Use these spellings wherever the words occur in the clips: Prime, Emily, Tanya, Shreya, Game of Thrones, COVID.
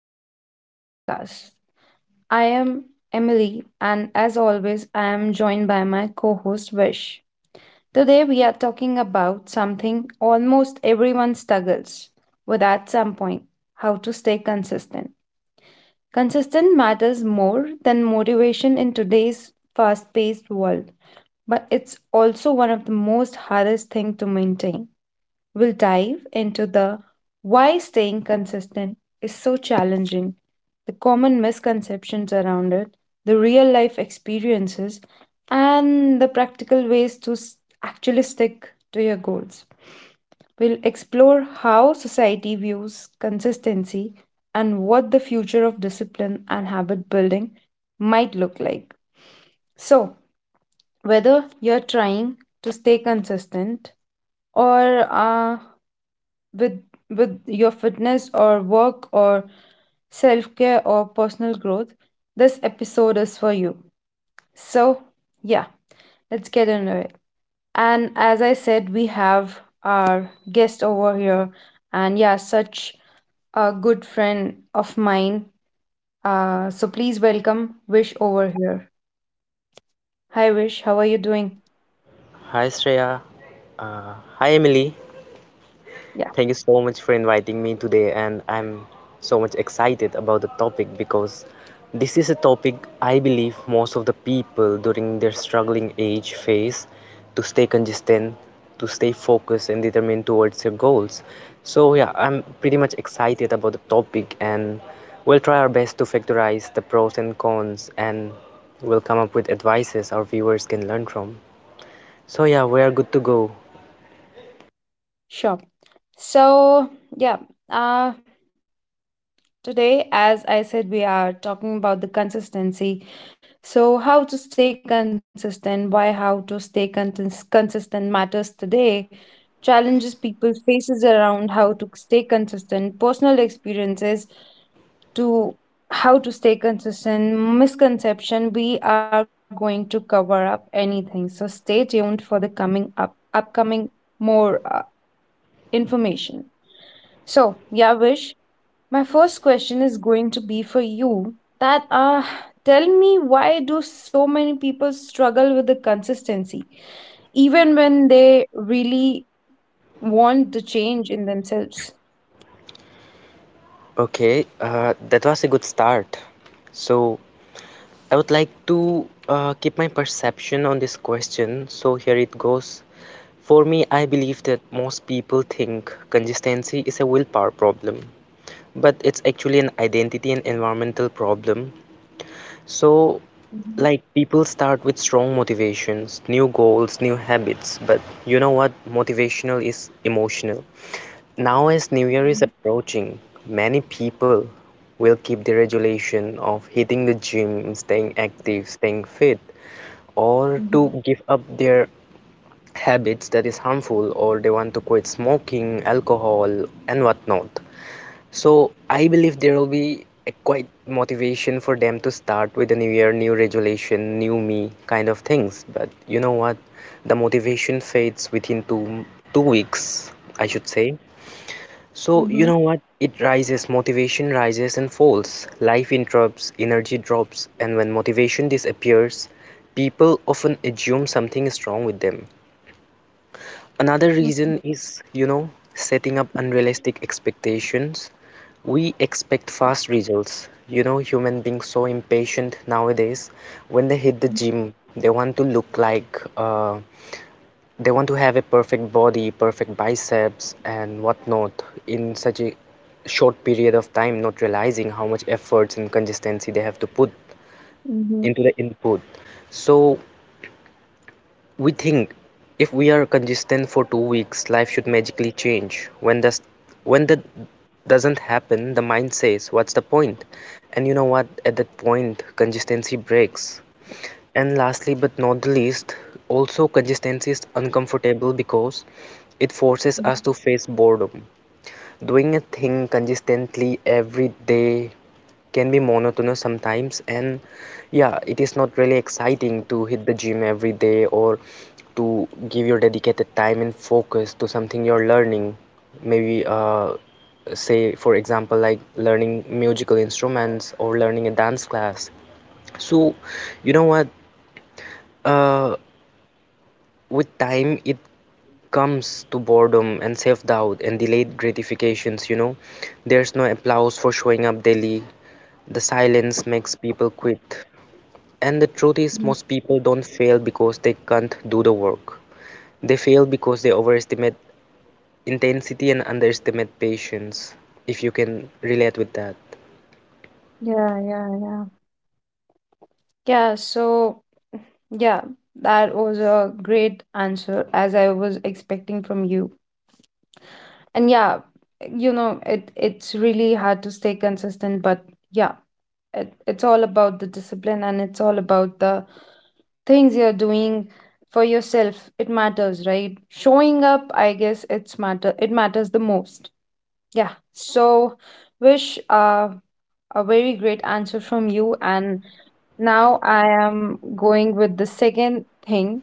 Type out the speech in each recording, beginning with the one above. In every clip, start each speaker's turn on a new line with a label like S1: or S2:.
S1: to our podcast. I am Emily and as always I am joined by my co-host Vish. Today we are talking about something almost everyone struggles with at some point, how to stay consistent. Consistent matters more than motivation in today's fast-paced world, but it's also one of the most hardest thing to maintain. We'll dive into the why staying consistent is so challenging, the common misconceptions around it, the real life experiences, and the practical ways to actually stick to your goals. We'll explore how society views consistency and what the future of discipline and habit building might look like. So, whether you're trying to stay consistent or with with your fitness or work or self-care or personal growth, this episode is for you. So yeah let's get into it. And as I said, we have our guest over here, and yeah, such a good friend of mine. So please welcome Wish over here. Hi Wish, how are you doing?
S2: Hi Shreya. Hi Emily.
S1: Yeah,
S2: Thank you so much for inviting me today, and I'm so much excited about the topic because this is a topic I believe most of the people during their struggling age face to stay consistent, to stay focused, and determined towards their goals. So, yeah, I'm pretty much excited about the topic, and we'll try our best to factorize the pros and cons, and we'll come up with advices our viewers can learn from. So, yeah, we are good to go.
S1: sure. So yeah uh today, as I said, we are talking about the consistency. So, how to stay consistent, why how to stay consist- consistent matters today, challenges people faces around how to stay consistent, personal experiences to how to stay consistent, misconception, we are going to cover up anything. So, stay tuned for the coming up upcoming more information. So, yeah, Vish, my first question is going to be for you, that tell me, why do so many people struggle with the consistency even when they really want the change in themselves?
S2: Okay, that was a good start. So, I would like to keep my perception on this question. So, here it goes. For me, I believe that most people think consistency is a willpower problem, but it's actually an identity and environmental problem. So,
S1: Mhm,
S2: like, people start with strong motivations, new goals, new habits, but you know what? Motivational is emotional. Now, as New Year is approaching, many people will keep the regulation of hitting the gym, staying active, staying fit, or
S1: mhm,
S2: to give up their habits that is harmful, or they want to quit smoking, alcohol, and whatnot. So I believe there will be a quite motivation for them to start with a new year, new resolution, new me kind of things. But you know what? The motivation fades within two weeks, I should say. So you
S1: mhm,
S2: know what? It rises, motivation rises and falls. Life interrupts, energy drops, and when motivation disappears, people often assume something is wrong with them. Another
S1: mhm,
S2: reason is, setting up unrealistic expectations. We expect fast results. Human beings so impatient nowadays. When they hit the gym, they want to have a perfect body, perfect biceps, and whatnot in such a short period of time, not realizing how much efforts and consistency they have to put
S1: mhm, mhm,
S2: into the input. So we think if we are consistent for 2 weeks, life should magically change. When that doesn't happen, the mind says, "What's the point?" And you know what? At that point, consistency breaks. And lastly, but not the least, also consistency is uncomfortable because it forces us to face boredom. Doing a thing consistently every day can be monotonous sometimes, and yeah, it is not really exciting to hit the gym every day or to give your dedicated time and focus to something you're learning. Maybe, say, for example, like learning musical instruments or learning a dance class. So, you know what? Uh, with time, it comes to boredom and self-doubt and delayed gratifications. There's no applause for showing up daily. The silence makes people quit, and the truth is
S1: mhm.
S2: most people don't fail because they can't do the work. They fail because they overestimate intensity and underestimate patience. If you can relate with that.
S1: Yeah, yeah, yeah. Yeah, so yeah, that was a great answer as I was expecting from you. And yeah, you know, it's really hard to stay consistent, but yeah, it's all about the discipline, and it's all about the things you're doing for yourself. It matters, right? Showing up, I guess it's matter, it matters the most. Yeah, so Wish, a very great answer from you. And now I am going with the second thing,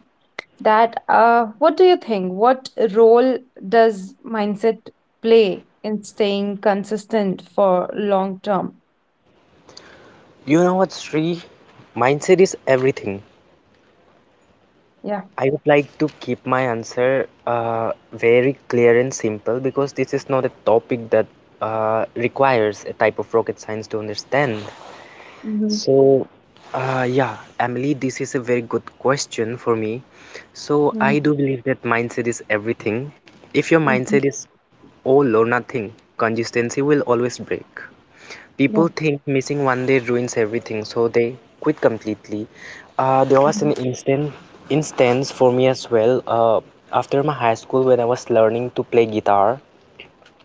S1: that what do you think, what role does mindset play in staying consistent for long term?
S2: You know what, Sri, mindset is everything.
S1: Yeah.
S2: I would like to keep my answer very clear and simple because this is not a topic that requires a type of rocket science to understand.
S1: Mm-hmm.
S2: So, yeah, Emily, this is a very good question for me. So,
S1: Mm-hmm.
S2: I do believe that mindset is everything. If your
S1: Mm-hmm.
S2: mindset is all or nothing, consistency will always break.
S1: Yeah.
S2: People think missing one day ruins everything, so they quit completely. There was
S1: Mm-hmm.
S2: an instant instance for me as well. After my high school, when I was learning to play guitar,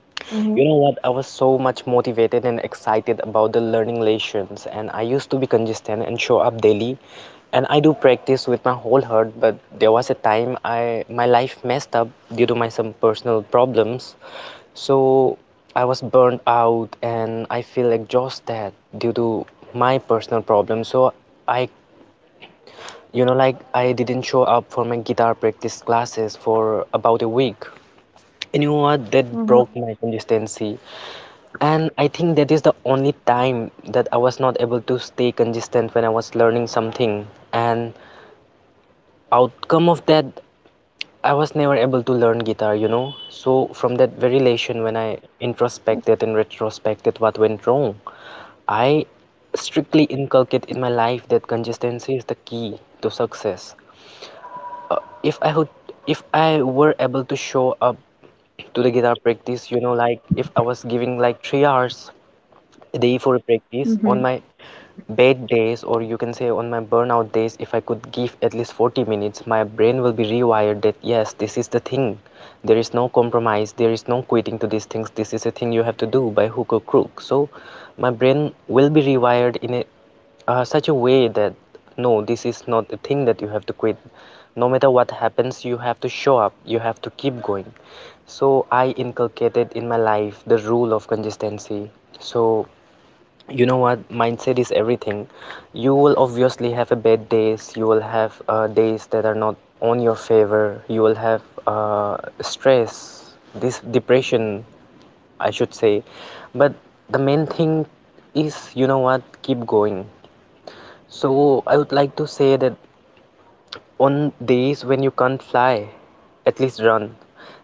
S1: Mm-hmm.
S2: you know what? I was so much motivated and excited about the learning lessons, and I used to be consistent and show up daily. And I do practice with my whole heart, but there was a time I my life messed up due to my some personal problems. So I was burnt out and I feel exhausted due to my personal problems. So I, you know, like I didn't show up for my guitar practice classes for about a week. And you know what? That broke my consistency. And I think that is the only time that I was not able to stay consistent when I was learning something. And outcome of that, I was never able to learn guitar. So from that very relation, when I introspected and retrospected what went wrong, I strictly inculcate in my life that consistency is the key to success. If I would, if I were able to show up to the guitar practice, like if I was giving like 3 hours day
S1: Mm-hmm.
S2: for practice on my bad days, or you can say on my burnout days, if I could give at least 40 minutes, my brain will be rewired that yes, this is the thing. There is no compromise, there is no quitting to these things, this is a thing you have to do by hook or crook. So my brain will be rewired in a such a way that no, this is not the thing that you have to quit. No matter what happens, you have to show up, you have to keep going. So I inculcated in my life the rule of consistency. So you know what? Mindset is everything. You will obviously have a bad days, you will have days that are not on your favor. You will have stress, this depression, I should say, but the main thing is, you know what, keep going. So I would like to say that on days when you can't fly, at least run.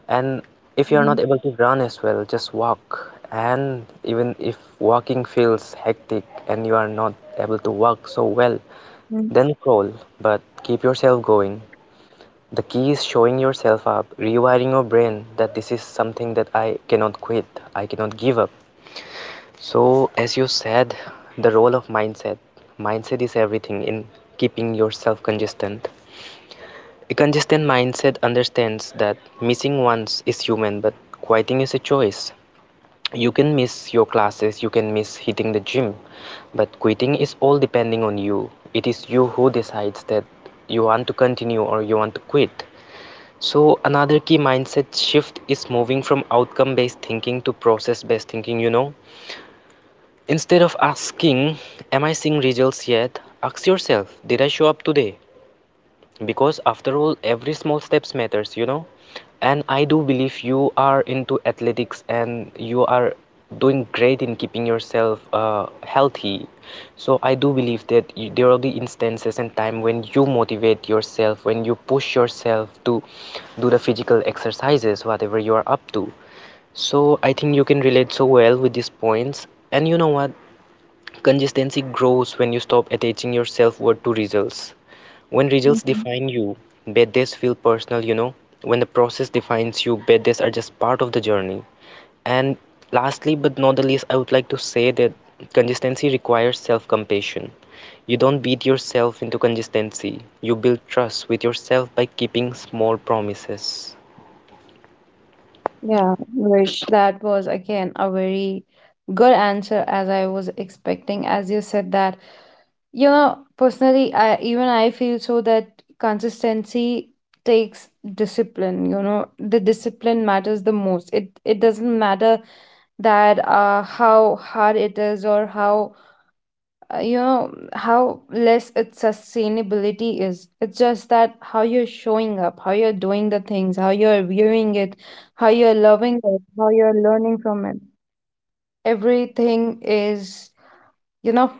S2: And if you're
S1: Mm-hmm.
S2: not able to run as well, just walk. And even if walking feels hectic and you are not able to walk so well, then crawl, but keep yourself going. The key is showing yourself up, rewiring your brain that this is something that I cannot quit, I cannot give up. So, as you said, the role of mindset. Mindset is everything in keeping yourself consistent. A consistent mindset understands that missing once is human, but quitting is a choice. You can miss your classes, you can miss hitting the gym, but quitting is all depending on you. It is you who decides that you want to continue or you want to quit. So, another key mindset shift is moving from outcome based thinking, to process based thinking. Instead of asking, "Am I seeing results yet?" ask yourself, "Did I show up today?" Because after all, every small steps matters. And I do believe you are into athletics and you are doing great in keeping yourself healthy. So I do believe that there will be instances and time when you motivate yourself, when you push yourself to do the physical exercises, whatever you are up to. So I think you can relate so well with these points. And you know what? Consistency grows when you stop attaching your self worth to results. When results
S1: Mm-hmm.
S2: define you, birthdays feel personal. When the process defines you, birthdays are just part of the journey. And lastly, but not the least, I would like to say that consistency requires self compassion. You don't beat yourself into consistency, you build trust with yourself by keeping small promises.
S1: Yeah, Vish, that was again a very good answer as I was expecting. As you said that, you know, personally, I feel so that consistency takes discipline. You know, the discipline matters the most. It doesn't matter that how hard it is, or how, you know, how less its sustainability is. It's just that how you're showing up, how you're doing the things, how you're viewing it, how you're loving it, how you're learning from it. Everything is, you know,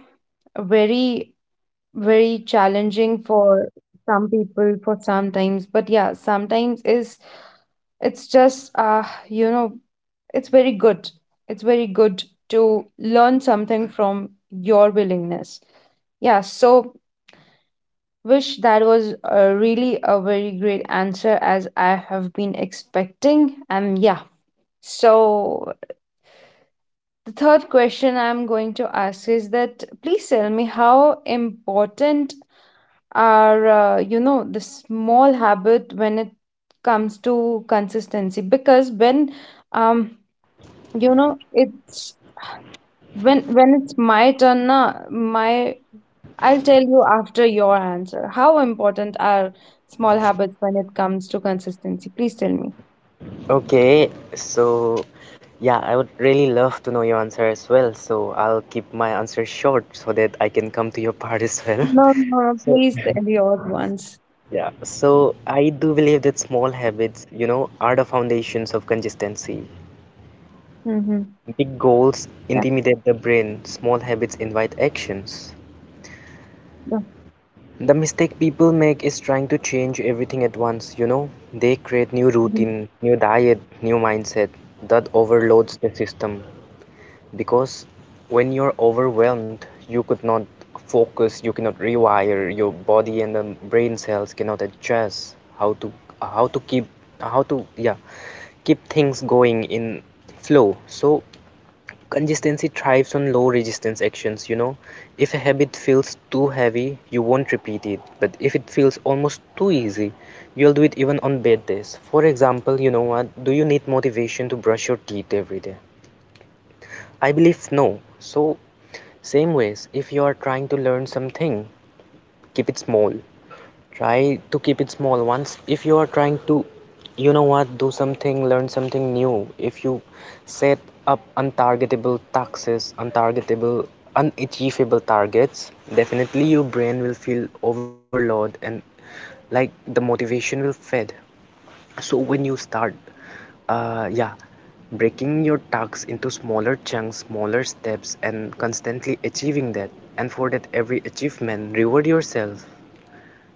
S1: very, very challenging for some people for sometimes. But yeah, sometimes is, it's just you know it's very good. It's very good to learn something from your willingness. Yeah, so Wish, that was a really a very great answer as I have been expecting. And yeah, so the third question I'm going to ask is that, please tell me how important are, you know, the small habit when it comes to consistency. Because when, um you know, it's when it's my turn na, my, I'll tell you after your answer, how important are small habits when it comes to consistency. Please tell me.
S2: Okay, so yeah, I would really love to know your answer as well, so I'll keep my answer short so that I can come to your part as well.
S1: No, no, no,
S2: So,
S1: please tell yours once.
S2: yeah, so I do believe that small habits, are the foundations of consistency.
S1: Mm-hmm.
S2: Big
S1: Yeah.
S2: goals intimidate the brain, small habits invite actions.
S1: Yeah.
S2: The mistake people make is trying to change everything at once. They create new
S1: Mm-hmm.
S2: routine, new diet, new mindset that overloads the system, because when you're overwhelmed, you could not focus, you cannot rewire your body and the brain cells cannot adjust how to keep how to yeah keep things going in flow. So consistency thrives on low resistance actions. If a habit feels too heavy, you won't repeat it, but if it feels almost too easy, you'll do it even on bad days. For example, you know what, do you need motivation to brush your teeth every day? I believe no. So, same ways, if you are trying to learn something, keep it small. Try to keep it small. Once, if you are trying to, you know what, do something, learn something new, if you set up unachievable targets, definitely your brain will feel overload and like the motivation will fade. So when you start, yeah, breaking your tasks into smaller chunks, smaller steps, and constantly achieving that, and for that every achievement, reward yourself.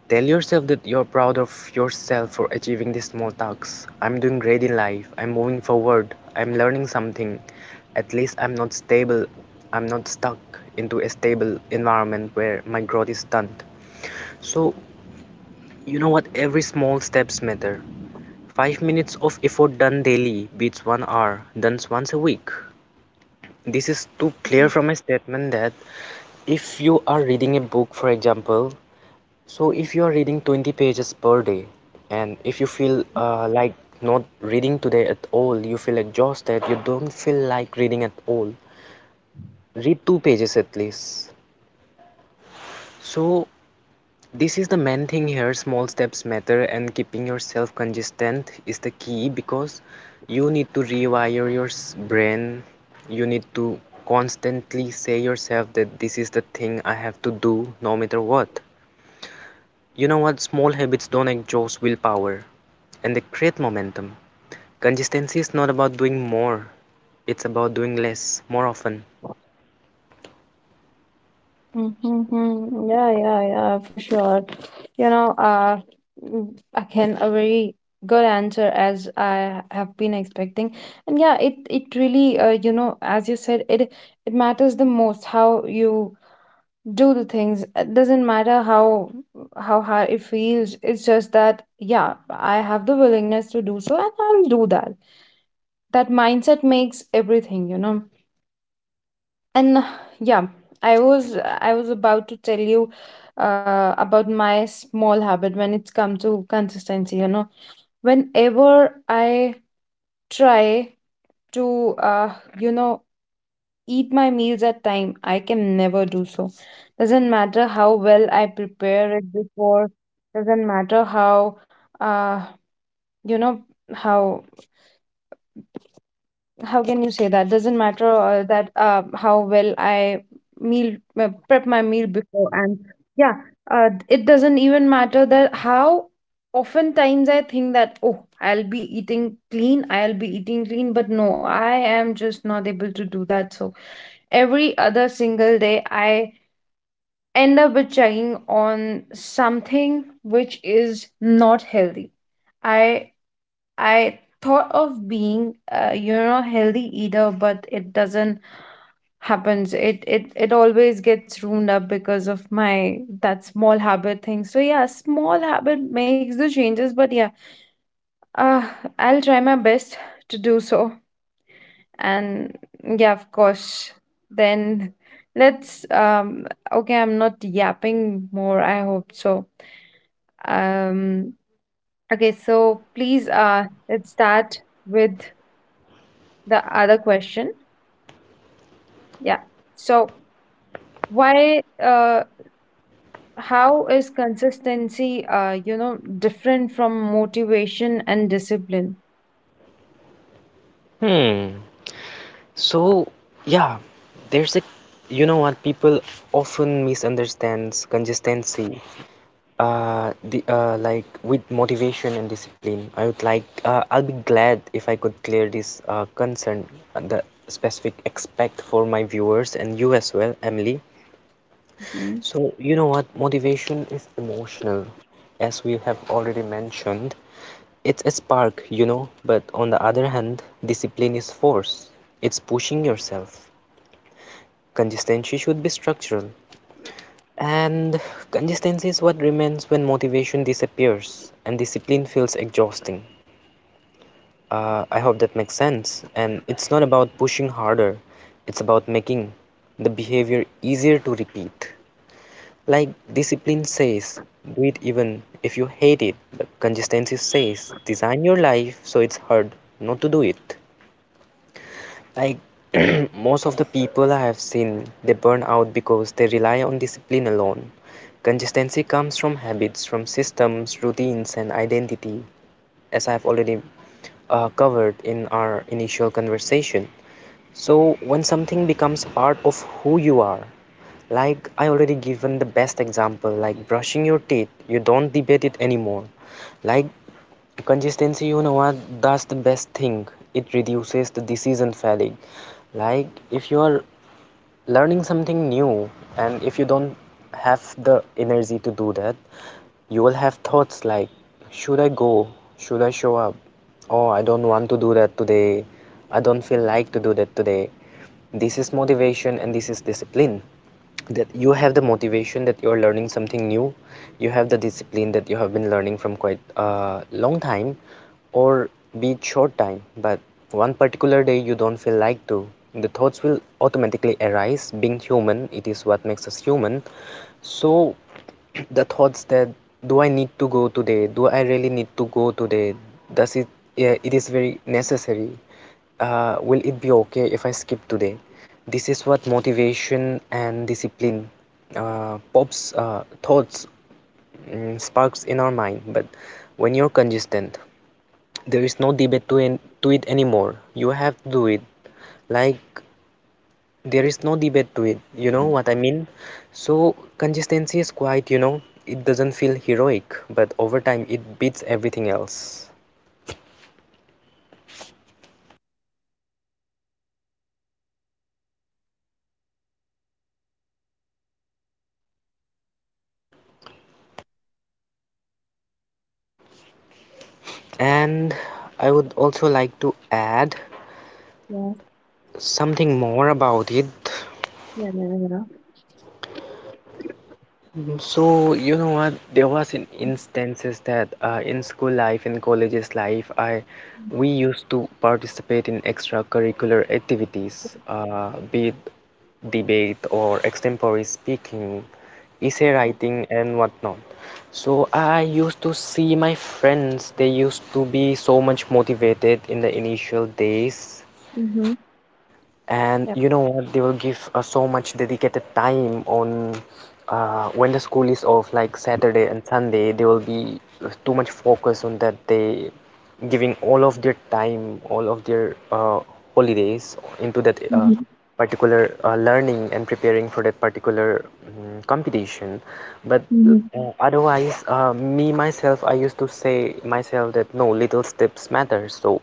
S2: Tell yourself that you're proud of yourself for achieving these small tasks. I'm doing great in life. I'm moving forward. I'm learning something. At least I'm not stable. I'm not stuck into a stable environment where my growth is stunted. So, you know what? Every small steps matter. 5 minutes of effort done daily beats 1 hour done once a week. This is too clear from a statement that if you are reading a book, for example, so if you are reading 20 pages per day, and if you feel like not reading today at all, you feel exhausted, you don't feel like reading at all, read two pages at least. So this is the main thing here, small steps matter and keeping yourself consistent is the key because you need to rewire your brain. You need to constantly say yourself that this is the thing I have to do no matter what. You know what? Small habits don't exhaust willpower and they create momentum. Consistency is not about doing more, it's about doing less more often.
S1: Mm-hmm. Yeah, yeah, yeah, for sure. You know, mm, again, a very good answer as I have been expecting. And yeah, it really, you know, as you said, it matters the most how you do the things. It doesn't matter how hard it feels. It's just that, yeah, I have the willingness to do so, and I'll do that. That mindset makes everything, you know. And yeah, I was about to tell you about my small habit when it's come to consistency. You know, whenever I try to, you know, eat my meals at time, I can never do so. Doesn't matter how well I prepare it before. Doesn't matter how, uh, you know, how how can you say that? Doesn't matter that how well I meal prep my meal before. And yeah, it doesn't even matter that how oftentimes I think that, oh, I'll be eating clean, I'll be eating clean, but no, I am just not able to do that. So every other single day I end up with chugging on something which is not healthy. I I thought of being, you know, healthy eater, but it doesn't happens. It always gets ruined up because of my that small habit thing. So yeah, small habit makes the changes, but yeah, uh, I'll try my best to do so. And yeah, of course, then let's okay, I'm not yapping more, I hope so. Um, okay, so please, let's start with the other question. Yeah. So why how is consistency, you know, different from motivation and discipline?
S2: Hmm. So, yeah, there's a you know what people often misunderstands consistency the like with motivation and discipline, I would like I'll be glad if I could clear this concern, the specific expect for my viewers and you as well, Emily.
S1: Mhm.
S2: So, you know what? Motivation is emotional, as we have already mentioned. It's a spark, you know, but on the other hand, discipline is force. It's pushing yourself. Consistency should be structural. And consistency is what remains when motivation disappears and discipline feels exhausting. I hope that makes sense. And it's not about pushing harder, it's about making the behavior easier to repeat. Like discipline says, do it even if you hate it. But consistency says, design your life so it's hard not to do it. Like most of the people I have seen, they burn out because they rely on discipline alone. Consistency comes from habits, from systems, routines, and identity, as I've already covered in our initial conversation. So, when something becomes part of who you are, like I already given the best example, like brushing your teeth, you don't debate it anymore. Like consistency, you know what? That's the best thing. It reduces the decision fatigue. Like if you are learning something new and if you don't have the energy to do that, you will have thoughts like, should I go? Should I show up? Oh, I don't want to do that today. I don't feel like to do that today. This is motivation and this is discipline, that you have the motivation that you're learning something new, you have the discipline that you have been learning from quite a long time or be it short time, but one particular day you don't feel like to, the thoughts will automatically arise, being human, it is what makes us human. So the thoughts that, do I need to go today, do I really need to go today, does it, yeah, it is very necessary, will it be okay if I skip today? This is what motivation and discipline pops thoughts, mm, sparks in our mind. But when you're consistent, there is no debate to, to it anymore. You have to do it. Like there is no debate to it. You know what I mean? So consistency is quite, you know, it doesn't feel heroic, but over time it beats everything else. And I would also like to add
S1: Yes.
S2: something more about it.
S1: Yeah, yeah, yeah.
S2: Mm, so you know what? There was in instances that in school life, in colleges life, I
S1: Mm.
S2: we used to participate in extracurricular activities, be it debate or extempore speaking, essay
S1: Yep.
S2: writing, and whatnot. So I used to see my friends, they used to be so much motivated in the initial days,
S1: Hmm.
S2: and you
S1: Yep.
S2: know what, they will give so much dedicated time on, when the school is off like Saturday and Sunday, they will be too much focus on that, they giving all of their time, all of their holidays into that
S1: Mm-hmm.
S2: particular learning and preparing for that particular competition. But uh,
S1: Mm-hmm.
S2: otherwise, me myself, I used to say myself that no, little steps matter. So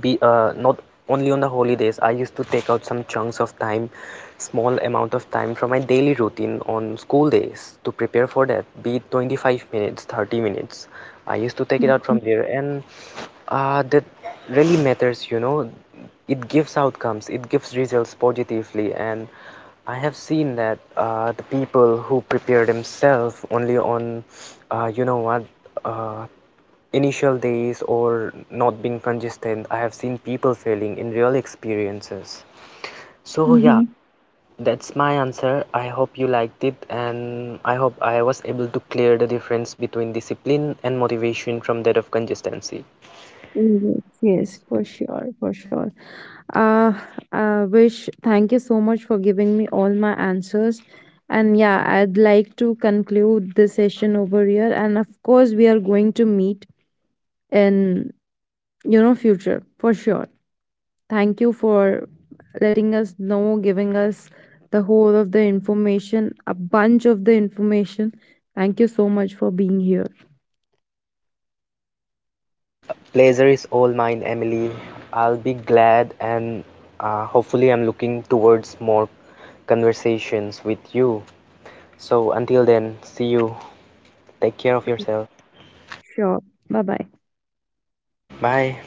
S2: be not only on the holidays, I used to take out some chunks of time, small amount of time from my daily routine on school days to prepare for that, be it 25 minutes, 30 minutes, I used to take it out from there. And that really matters, you know, it gives outcomes, it gives results positively. And I have seen that the people who prepare themselves only on, you know what, uh, initial days or not being consistent, I have seen people failing in real experiences. So yeah,
S1: Mm-hmm.
S2: that's my answer. I hope you liked it and I hope I was able to clear the difference between discipline and motivation from that of consistency.
S1: Yes, yes, for sure, for sure. Uh, Wish, thank you so much for giving me all my answers. And yeah, I'd like to conclude this session over here. And of course, we are going to meet in, you know, future for sure. Thank you for letting us know, giving us the whole of the information, a bunch of the information. Thank you so much for being here.
S2: Pleasure is all mine, Emily. I'll be glad, and hopefully I'm looking towards more conversations with you. So until then, see you, take care of yourself.
S1: Sure. Bye bye.
S2: Bye.